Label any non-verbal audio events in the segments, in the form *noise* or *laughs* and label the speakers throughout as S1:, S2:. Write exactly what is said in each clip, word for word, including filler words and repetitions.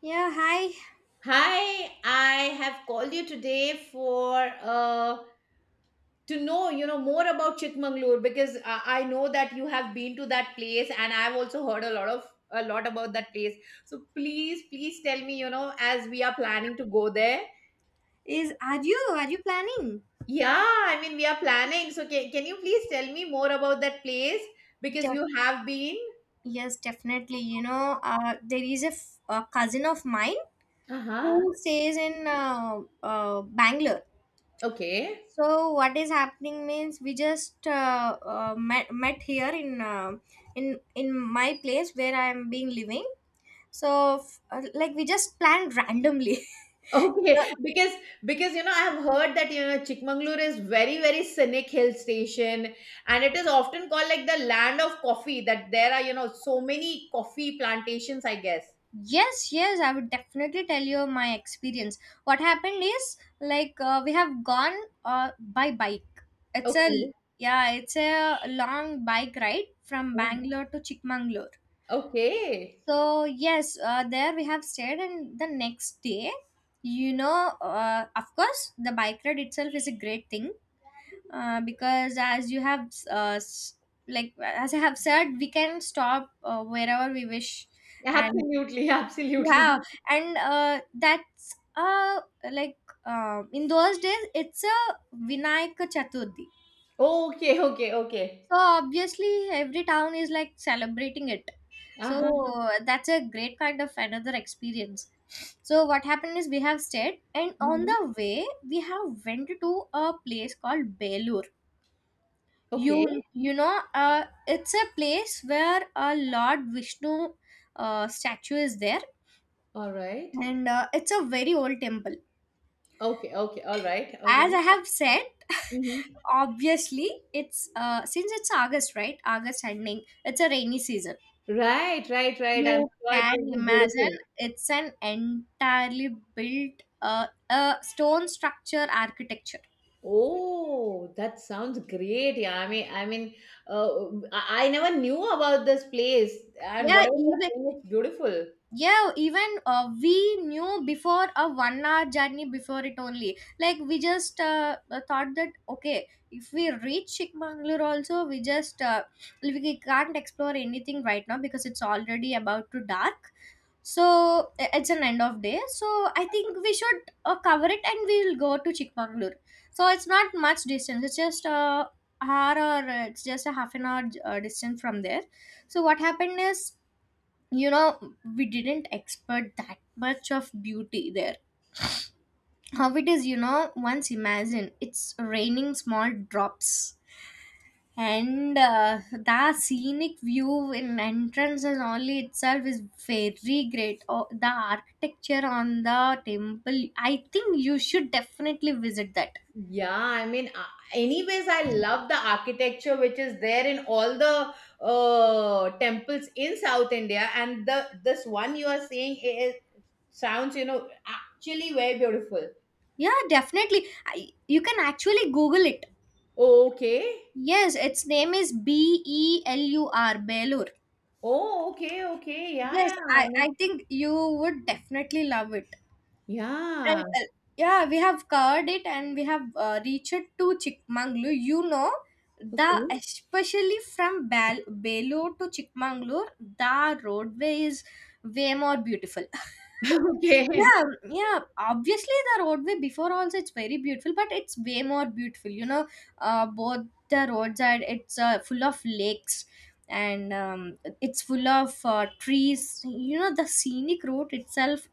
S1: Yeah, hi.
S2: Hi, I have called you today for uh, to know you know more about Chikmagalur because uh, I know that you have been to that place, and I've also heard a lot of a lot about that place. So please, please tell me you know as we are planning to go there.
S1: Is are you are you planning?
S2: Yeah, I mean we are planning. So can, can you please tell me more about that place because
S1: De-
S2: you have been.
S1: yes, definitely. You know, uh, there is a, f- a cousin of mine
S2: Uh huh.
S1: who stays in uh, uh, Bangalore.
S2: Okay.
S1: So what is happening means we just uh, uh, met, met here in uh, in in my place where I am being living. So f- uh, like we just planned randomly. *laughs*
S2: Okay, because because you know I have heard that you know Chikmagalur is very very scenic hill station, and it is often called like the land of coffee. That there are you know so many coffee plantations, I guess.
S1: Yes, yes, I would definitely tell you my experience. What happened is like uh, we have gone uh, by bike. It's a
S2: Okay.
S1: Yeah, it's a long bike ride from
S2: Oh,
S1: Bangalore to Chikmagalur.
S2: okay.
S1: So yes, uh, there we have stayed, and the next day, you know, uh, of course, the bike ride itself is a great thing uh, because as you have uh, s- like as I have said, we can stop uh, wherever we wish. And
S2: Absolutely, *laughs* absolutely.
S1: yeah and uh, that's uh like um in those days, it's a Vinayaka Chaturthi,
S2: Okay, okay, okay.
S1: so obviously every town is like celebrating it, so
S2: Uh-huh.
S1: that's a great kind of another experience. So what happened is, we have stayed, and on
S2: Mhm.
S1: the way we have went to a place called Belur.
S2: Okay.
S1: You you know uh, it's a place where a Lord Vishnu uh, statue is there.
S2: All right.
S1: And uh, It's a very old temple,
S2: Okay, okay, all right.
S1: as I
S2: Okay.
S1: have said. *laughs*
S2: Mhm.
S1: Obviously it's uh since it's August, right? August ending, it's a rainy season.
S2: Right, right, right. I'm
S1: You
S2: sure it
S1: can
S2: will be
S1: imagine,
S2: beautiful.
S1: it's an entirely built, uh, a stone structure architecture.
S2: Oh, that sounds great. Yeah, I mean, I mean, uh, I I never knew about this place, and
S1: Yeah,
S2: whatever you're
S1: even
S2: saying, it's beautiful.
S1: yeah even uh, we knew before a one hour journey before it only, like we just uh, uh, thought that, okay, if we reach Chikmagalur also, we just uh, we can't explore anything right now because it's already about to dark. So i- it's an end of day, so I think we should uh, cover it and we'll go to Chikmagalur. So it's not much distance, it's just a hour or uh, it's just a half an hour uh, distance from there. So what happened is, you know, we didn't expect that much of beauty there. How it is, you know, once imagine it's raining small drops. And uh, The scenic view in entrances only itself is very great. Oh, the architecture on the temple, I think you should definitely visit that.
S2: Yeah, I mean, uh, anyways, I love the architecture which is there in all the uh, temples in South India, and the this one you are saying it, it sounds, you know, actually very beautiful.
S1: Yeah, definitely. I, you can actually google it.
S2: Oh, okay.
S1: Yes, its name is B E L U R, Belur.
S2: Oh, okay, okay. Yeah,
S1: Yes,
S2: yeah. I
S1: I, I
S2: mean,
S1: think you would definitely love it. And
S2: yeah.
S1: uh, Yeah, we have covered it and we have uh, reached to Chikmagalur. You know, the
S2: Okay.
S1: especially from Bal- Belur to Chikmagalur, the roadway is way more beautiful. *laughs*
S2: *laughs* Okay.
S1: Yeah, yeah. Obviously, the roadway before also, it's very beautiful, but it's way more beautiful. You know, uh, both the roadside, it's uh, full of lakes, and um, it's full of uh, trees. You know, the scenic route itself.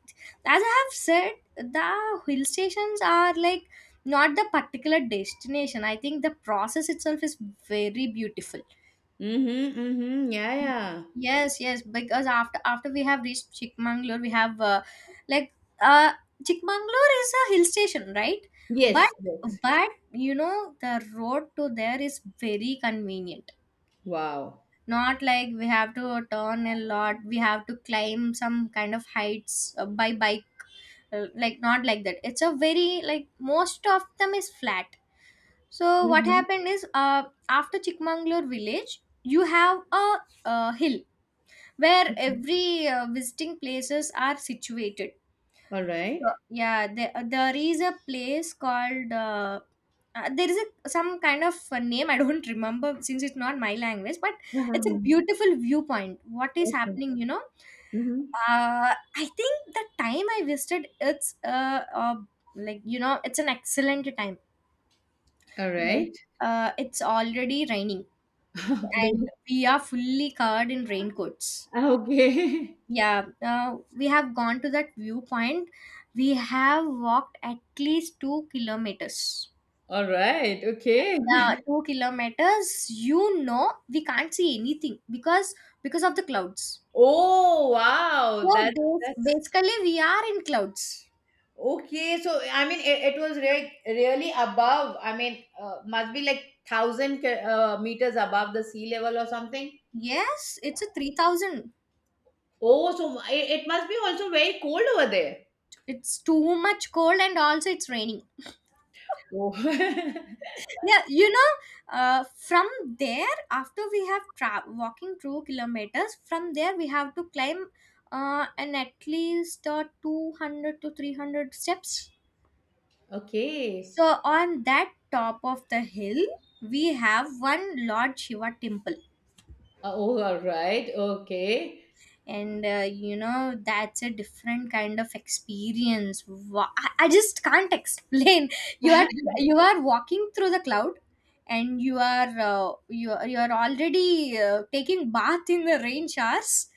S1: As I have said, the hill stations are like, not the particular destination. I think the process itself is very beautiful.
S2: Mm-hmm, mm-hmm. Yeah, yeah.
S1: Yes, yes, because after after we have reached Chikmagalur, we have uh, like uh Chikmagalur is a hill station, right? but
S2: Yes, yes.
S1: but you know, the road to there is very convenient.
S2: Wow.
S1: Not like we have to turn a lot, we have to climb some kind of heights uh, by by Uh, like, not like that, it's a very like most of them is flat. So what
S2: Mhm.
S1: happened is, uh, after Chikmagalur village, you have a, uh hill where
S2: Mhm.
S1: every uh, visiting places are situated.
S2: All
S1: So
S2: right.
S1: yeah, there, there is a place called uh, uh, there is a, some kind of a name. *laughs* I don't remember since it's not my language, but it's a
S2: Uh-huh.
S1: beautiful viewpoint. What is
S2: Okay.
S1: happening, you know,
S2: Mhm.
S1: uh, I think the time I visited, it's uh, uh, like, you know, it's an excellent time.
S2: All
S1: Okay.
S2: right.
S1: Uh, it's already raining,
S2: *laughs* Okay.
S1: and we are fully covered in raincoats.
S2: Okay. *laughs*
S1: Yeah, uh, we have gone to that viewpoint. We have walked at least two kilometers.
S2: All right. Okay. *laughs*
S1: Yeah, two kilometers. You know, we can't see anything because because of the clouds.
S2: Oh, wow.
S1: So
S2: That's
S1: bas-
S2: that's
S1: basically, we are in clouds.
S2: okay. So I mean, it, it was re- really above. I mean, uh, must be like thousand ki- uh, meters above the sea level or something.
S1: Yes, it's a three thousand.
S2: Oh, so it, it must be also very cold over there.
S1: It's too much cold, and also it's raining.
S2: Oh.
S1: Yeah, you know, uh, from there, after we have tra- walking two kilometers from there, we have to climb, uh, and at least uh, two hundred to three hundred steps.
S2: *laughs* Okay.
S1: So on that top of the hill, we have one Lord Shiva temple.
S2: Uh, Oh, all right. Okay.
S1: And uh, You know, that's a different kind of experience. Wow. I, I just can't explain. *laughs* you are
S2: *laughs* Hmm.
S1: you are walking through the cloud, and you are uh, you are, you are already uh, taking bath in the rain showers,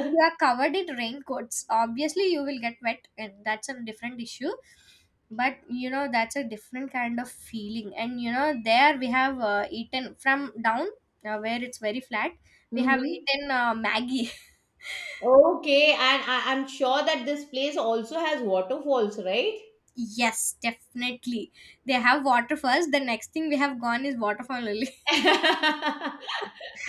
S1: and you are covered in raincoats. Obviously you will get wet, and that's a different issue. But you know, that's a different kind of feeling. And you know, there we have uh, eaten from down, uh, where it's very flat. We have eaten uh, Maggie.
S2: Okay, and I, I'm sure that this place also has waterfalls, right?
S1: Yes, definitely. They have waterfalls. The next thing we have gone is waterfall only.
S2: *laughs*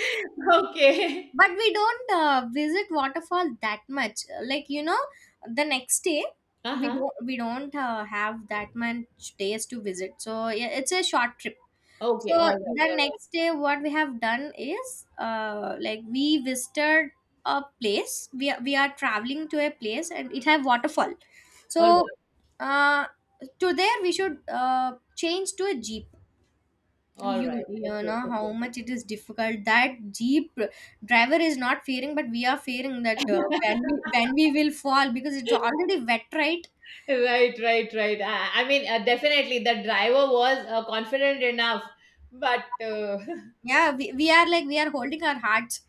S1: *laughs*
S2: Okay.
S1: But we don't uh, visit waterfall that much. Like, you know, the next day we
S2: Uh-huh.
S1: don't we don't uh, have that much days to visit. So yeah, it's a short trip.
S2: Okay,
S1: So
S2: all
S1: the
S2: right,
S1: next day, what we have done is, uh, like, we visited a place. We are, we are traveling to a place, and it have waterfall.
S2: all right,
S1: So, uh, to there we should uh, change to a jeep.
S2: all right, all
S1: You
S2: right.
S1: you
S2: Okay,
S1: know how
S2: okay.
S1: much it is difficult. That jeep driver is not fearing, but we are fearing that, uh, when we when we will fall because it's
S2: *laughs*
S1: already wet, right?
S2: Right, right, right. I, I mean, uh, definitely the driver was uh, confident enough, but uh, *laughs*
S1: Yeah, we, we are, like, we are holding our hearts.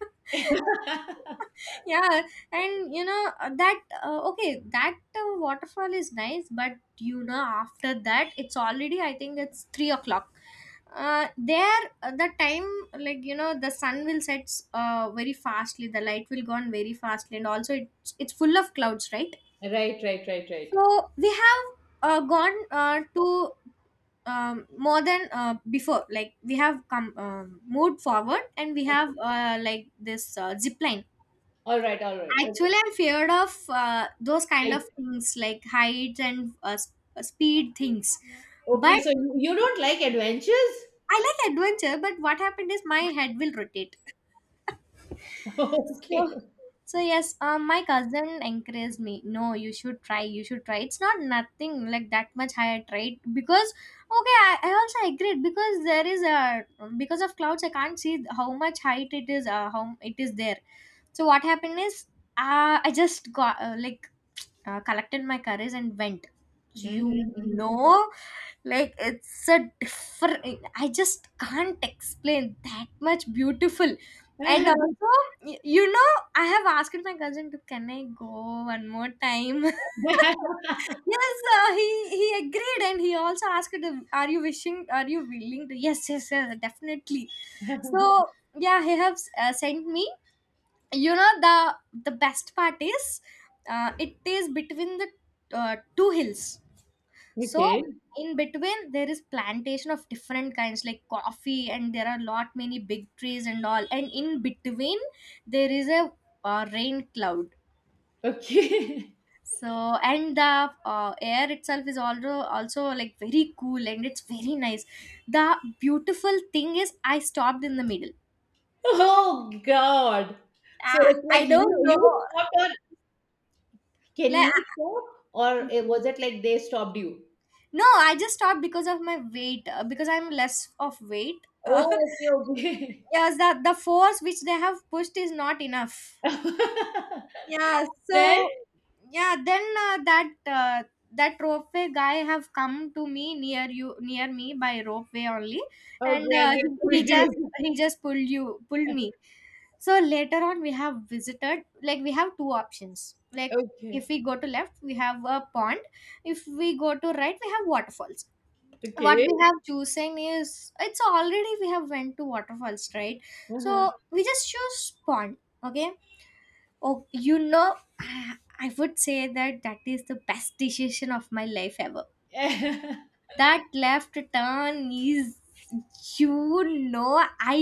S1: *laughs* Yeah, and you know, uh, that uh, okay, that uh, waterfall is nice, but you know, after that it's already, I think, it's three o'clock. Uh, there, uh, the time, like, you know, the sun will set uh, very fastly, the light will go on very fastly, and also it's it's full of clouds, right?
S2: right, right, right, right. Okay.
S1: So we have uh, gone uh, to, um, more than uh, before, like we have come, um, moved forward, and we have uh, like this uh, zip line.
S2: All right, all right. Okay.
S1: Actually, I'm feared of uh, those kind
S2: Right.
S1: of things, like heights and uh, s- uh, speed things.
S2: Okay,
S1: But
S2: so you you don't like adventures?
S1: I like adventure, but what happened is my head will rotate.
S2: *laughs*
S1: So,
S2: Okay.
S1: so yes, um, my cousin encouraged me. No, you should try. You should try. It's not nothing like that much higher tried because, okay, I, I also agreed because there is a because of clouds I can't see how much height it is. Uh, how it is there. So what happened is, uh, I just got uh, like uh, collected my courage and went.
S2: Mhm,
S1: You
S2: mhm.
S1: know, like, it's a different, I just can't explain that much beautiful. And also, y- you know, I have asked my cousin to, can I go one more time?
S2: *laughs*
S1: *laughs* Yes, uh, he he agreed, and he also asked, are you wishing, are you willing to? Yes, yes, yes, definitely. So yeah, he has uh, sent me. You know, the the best part is, uh, it is between the uh, two hills. So
S2: Okay,
S1: in between, there is plantation of different kinds like coffee, and there are lot many big trees and all, and in between there is a uh, rain cloud.
S2: okay. *laughs*
S1: So, and the uh, air itself is also, also like very cool, and it's very nice. The beautiful thing is, I stopped in the middle.
S2: Oh God. So
S1: i,
S2: it's
S1: I
S2: like
S1: don't
S2: you
S1: know,
S2: you stopped, or can
S1: like.
S2: you stop, or it- was it like they stopped you?
S1: No, I just stopped because of my weight, uh, because I'm less of weight. Uh,
S2: Oh,
S1: *laughs*
S2: okay, okay.
S1: yes, that, the force which they have pushed is not enough. Yeah,
S2: *laughs* Then
S1: so yeah, then uh, that uh, that ropeway guy have come to me, near you near me by ropeway only, and
S2: okay,
S1: uh,
S2: and
S1: he,
S2: then
S1: he
S2: pushed
S1: just
S2: you.
S1: he just pulled, you pulled me. So later on, we have visited, like, we have two options. Like,
S2: Okay,
S1: if we go to left, we have a pond. If we go to right, we have waterfalls. What
S2: okay.
S1: we have chosen is, it's already, we have went to waterfalls, right?
S2: Uh-huh.
S1: So we just choose pond. Okay. Oh, you know, i, I would say that that is the best decision of my life ever.
S2: *laughs*
S1: That left turn is, you know, i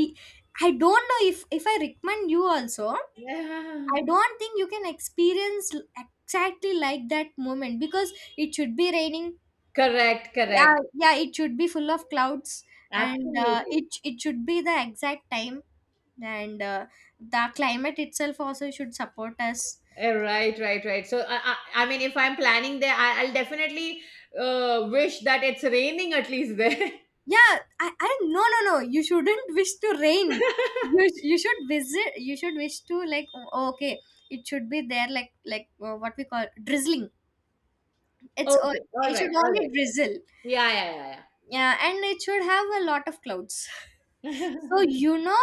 S1: i don't know if if i recommend you also.
S2: Yeah.
S1: I don't think you can experience exactly like that moment because it should be raining.
S2: Correct,
S1: Yeah,
S2: correct.
S1: yeah, it should be full of clouds. And uh,
S2: Absolutely.
S1: it it should be the exact time. And uh, the climate itself also should support us.
S2: Eh, Right, right, right. So, I, I, I mean, if I'm planning there, I, I'll definitely uh, wish that it's raining at least there. *laughs*
S1: Yeah, i, I, no, no, no, you shouldn't wish to rain. You, you should visit, you should wish to, like, o- okay, it should be there, like, like uh, what we call drizzling. It's o-
S2: Okay, all
S1: it
S2: right,
S1: should
S2: all
S1: only
S2: right.
S1: drizzle.
S2: Yeah, yeah,
S1: Yeah, and it should have a lot of clouds.
S2: yeah,
S1: *laughs*
S2: yeah.
S1: So, you know,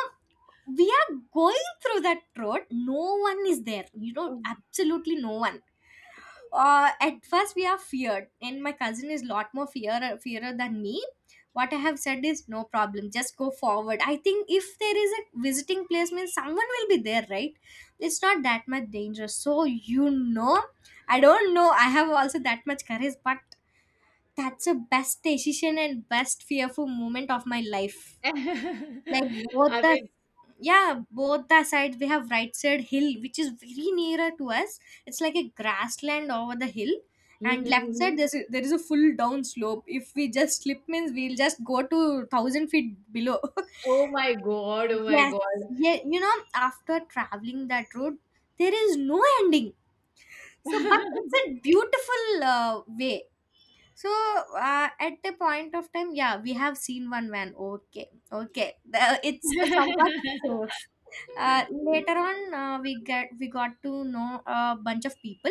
S1: we are going through that road. No one is there. You know, absolutely no one. Uh, at first, we are feared, and my cousin is lot more fear fearer than me. What I have said is, no problem. Just go forward. I think if there is a visiting place, means someone will be there, right? It's not that much dangerous. So you know, I don't know. I have also that much courage, but that's the best decision and best fearful moment of my life. Like
S2: *laughs*
S1: both
S2: I
S1: the
S2: mean,
S1: Yeah, both the sides, we have right side hill which is very nearer to us. It's like a grassland over the hill.
S2: mhm,
S1: And left side,
S2: mhm.
S1: there's a, there is a full down slope. If we just slip, means we'll just go to thousand feet below.
S2: Oh my God, oh
S1: *laughs*
S2: my
S1: Yes.
S2: God.
S1: Yeah, you know, after traveling that road, there is no ending. So, but it's a beautiful uh, way. So, uh, at the point of time, yeah, we have seen one van. Okay, okay. The- it's somewhat safe. Uh,
S2: *laughs*
S1: later on, uh, we get we got to know a bunch of people,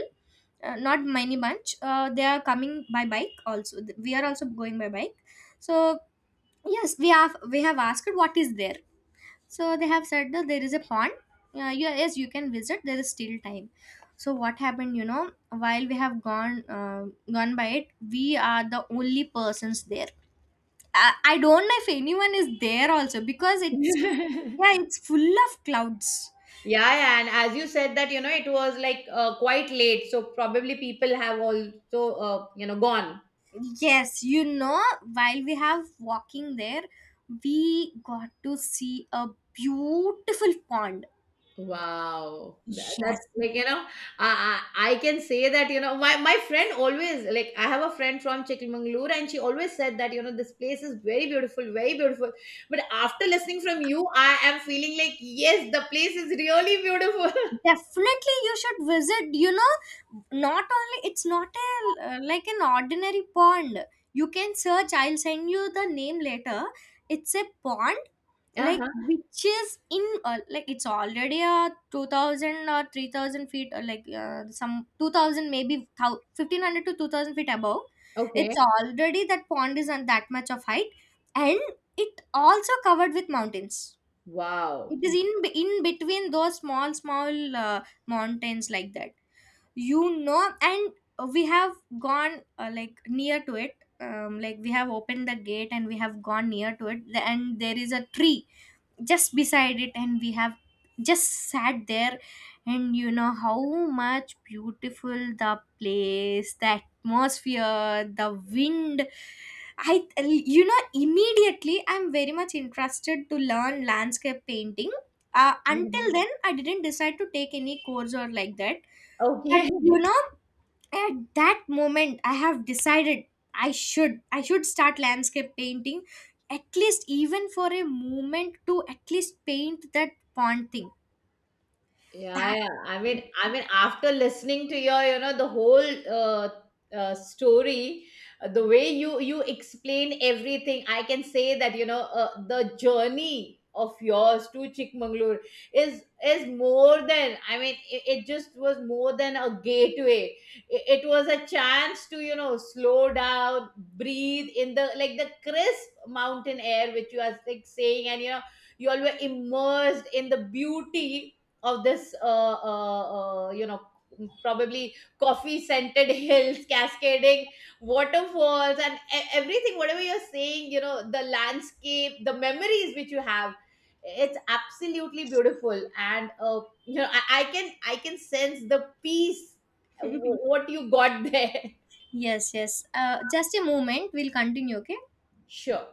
S1: uh, not many bunch. Uh, they are coming by bike also. We are also going by bike. So yes, we have we have asked what is there. So they have said that there is a pond. Uh, you- yes, you can visit. There is still time. So what happened? You know, while we have gone uh, gone by it, we are the only persons there. I, I don't know if anyone is there also because it's yeah,
S2: *laughs*
S1: it's full of clouds.
S2: Yeah, yeah, and as you said that, you know, it was like uh, quite late, so probably people have also, uh, you know, gone.
S1: Yes, you know, while we have walking there, we got to see a beautiful pond.
S2: Wow, Tha-
S1: Yes,
S2: that's like, you know, I, I I can say that you know my my friend always, like, I have a friend from Chikmagalur, and she always said that you know this place is very beautiful, very beautiful. But after listening from you, I am feeling like yes, the place is really beautiful. *laughs*
S1: definitely you should visit, you know. Not only, it's not a uh, like an ordinary pond. You can search, I'll send you the name later. It's a pond, like,
S2: Uh-huh.
S1: which is in, uh, like, it's already a two thousand or three thousand feet, or like uh, some two thousand, maybe thou- fifteen hundred to two thousand feet above. It's
S2: Okay.
S1: already that pond is on that much of height, and it also covered with mountains.
S2: Wow.
S1: It is in be- in between those small small uh, mountains like that. You know, and we have gone, uh, like, near to it. Um, like, we have opened the gate, and we have gone near to it, and there is a tree just beside it, and we have just sat there. And you know how much beautiful the place, the atmosphere, the wind. I, you know, immediately I'm very much interested to learn landscape painting. Uh, until
S2: Mhm.
S1: then, I didn't decide to take any course or like that. But
S2: Okay.
S1: you know, at that moment, I have decided I should, I should start landscape painting, at least even for a moment, to at least paint that pond thing. That
S2: Yeah, yeah. I mean, I mean, after listening to your, you know, the whole uh, uh, story, uh, the way you you explain everything, I can say that you know uh, the journey of yours to Chikmagalur is is more than. I mean, it, it just was more than a gateway. It, it was a chance to you know slow down, breathe in the like the crisp mountain air which you are like saying, and you know you all were immersed in the beauty of this uh, uh, uh, you know probably coffee scented *laughs* hills, cascading waterfalls, and e- everything whatever you're saying, you know the landscape, the memories which you have. It's absolutely beautiful, and uh, you know I, I can i can sense the peace uh, wh-
S1: *laughs*
S2: what you got there.
S1: Yes, yes. Uh, just a moment. We'll continue. Okay.
S2: *laughs* Sure.